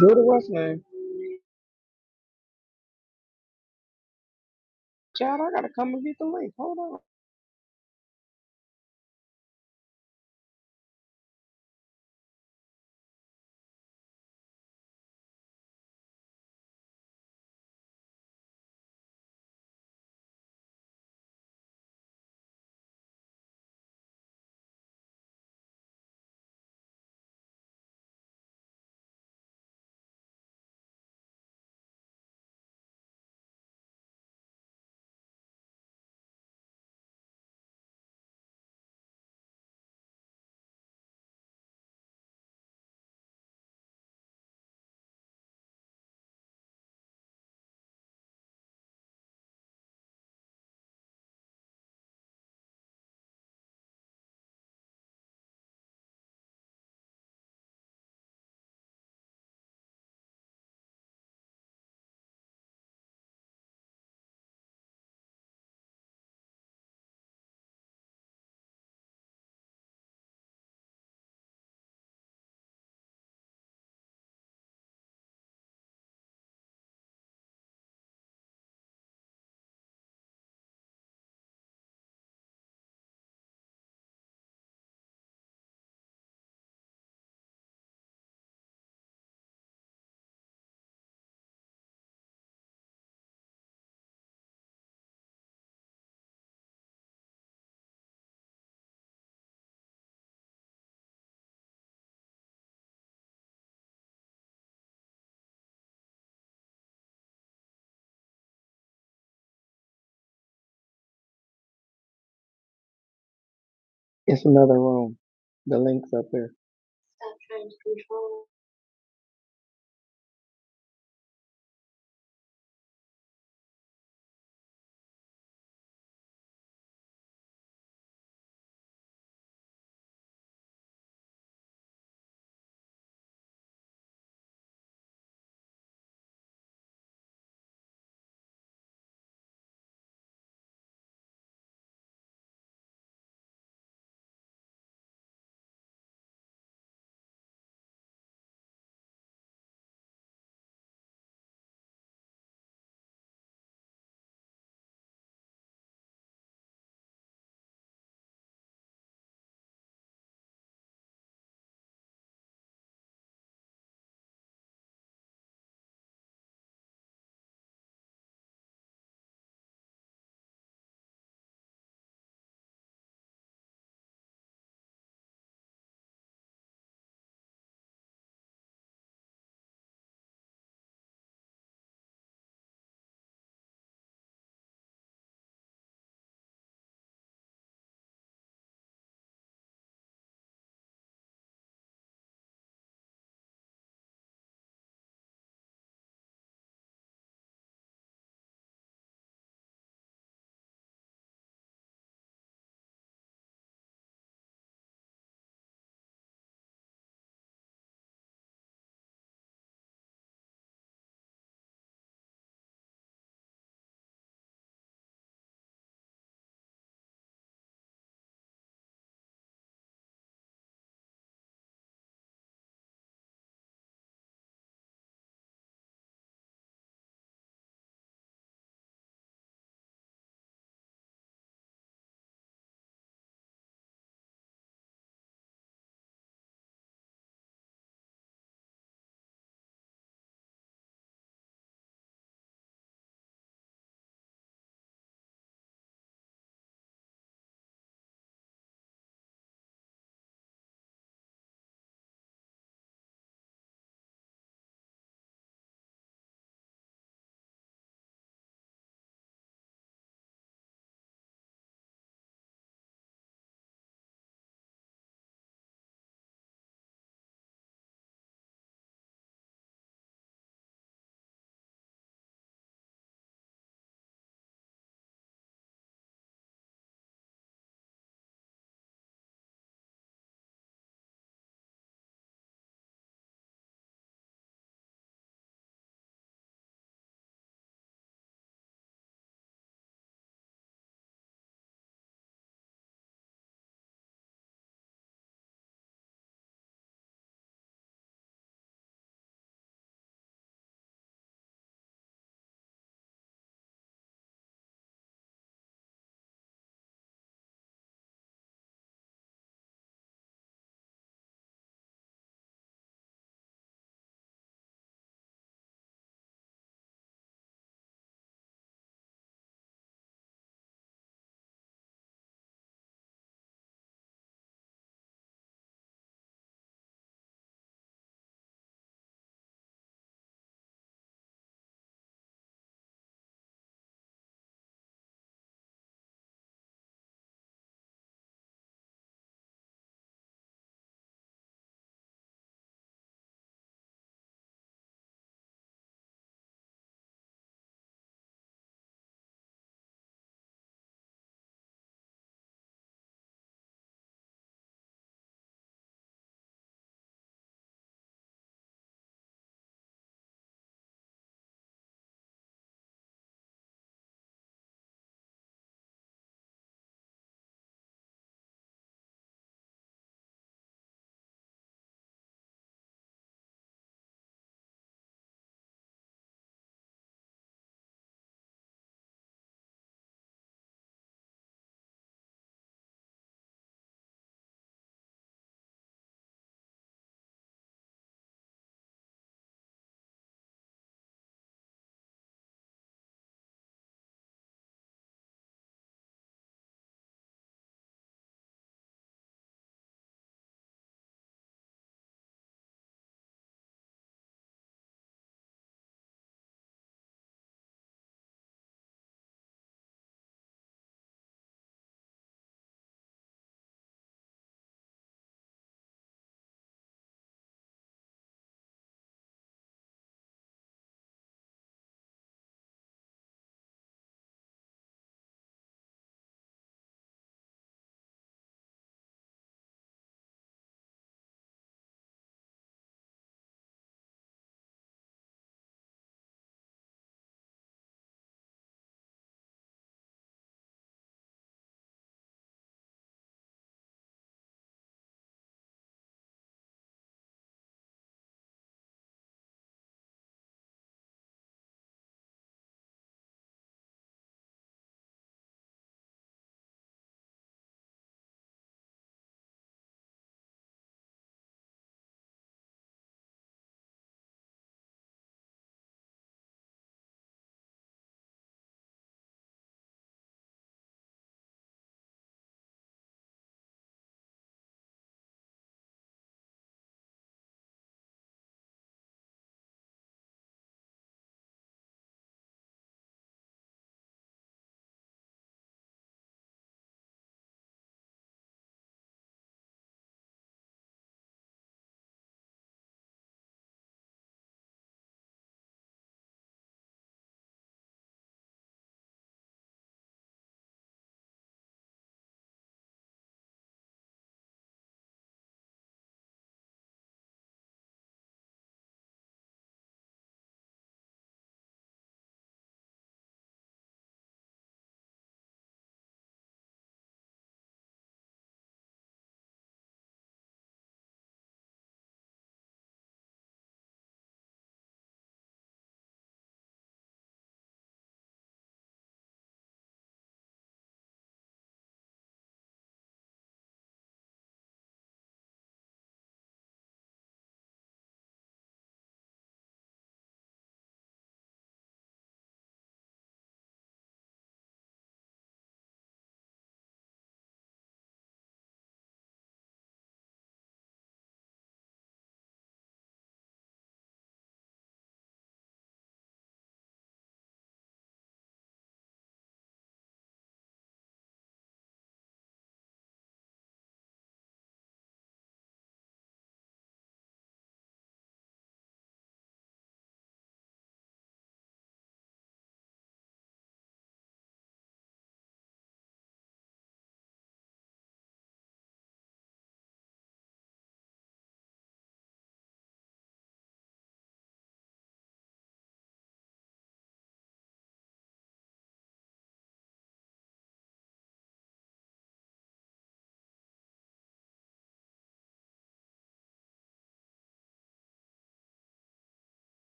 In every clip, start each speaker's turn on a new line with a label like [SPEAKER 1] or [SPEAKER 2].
[SPEAKER 1] Go to what's name? Chad, I gotta come and get the link. Hold on. It's another room. The link's up there.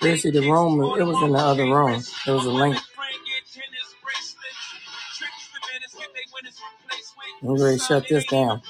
[SPEAKER 2] This is the room. It was in the other room. It was a link. I'm ready to shut this down.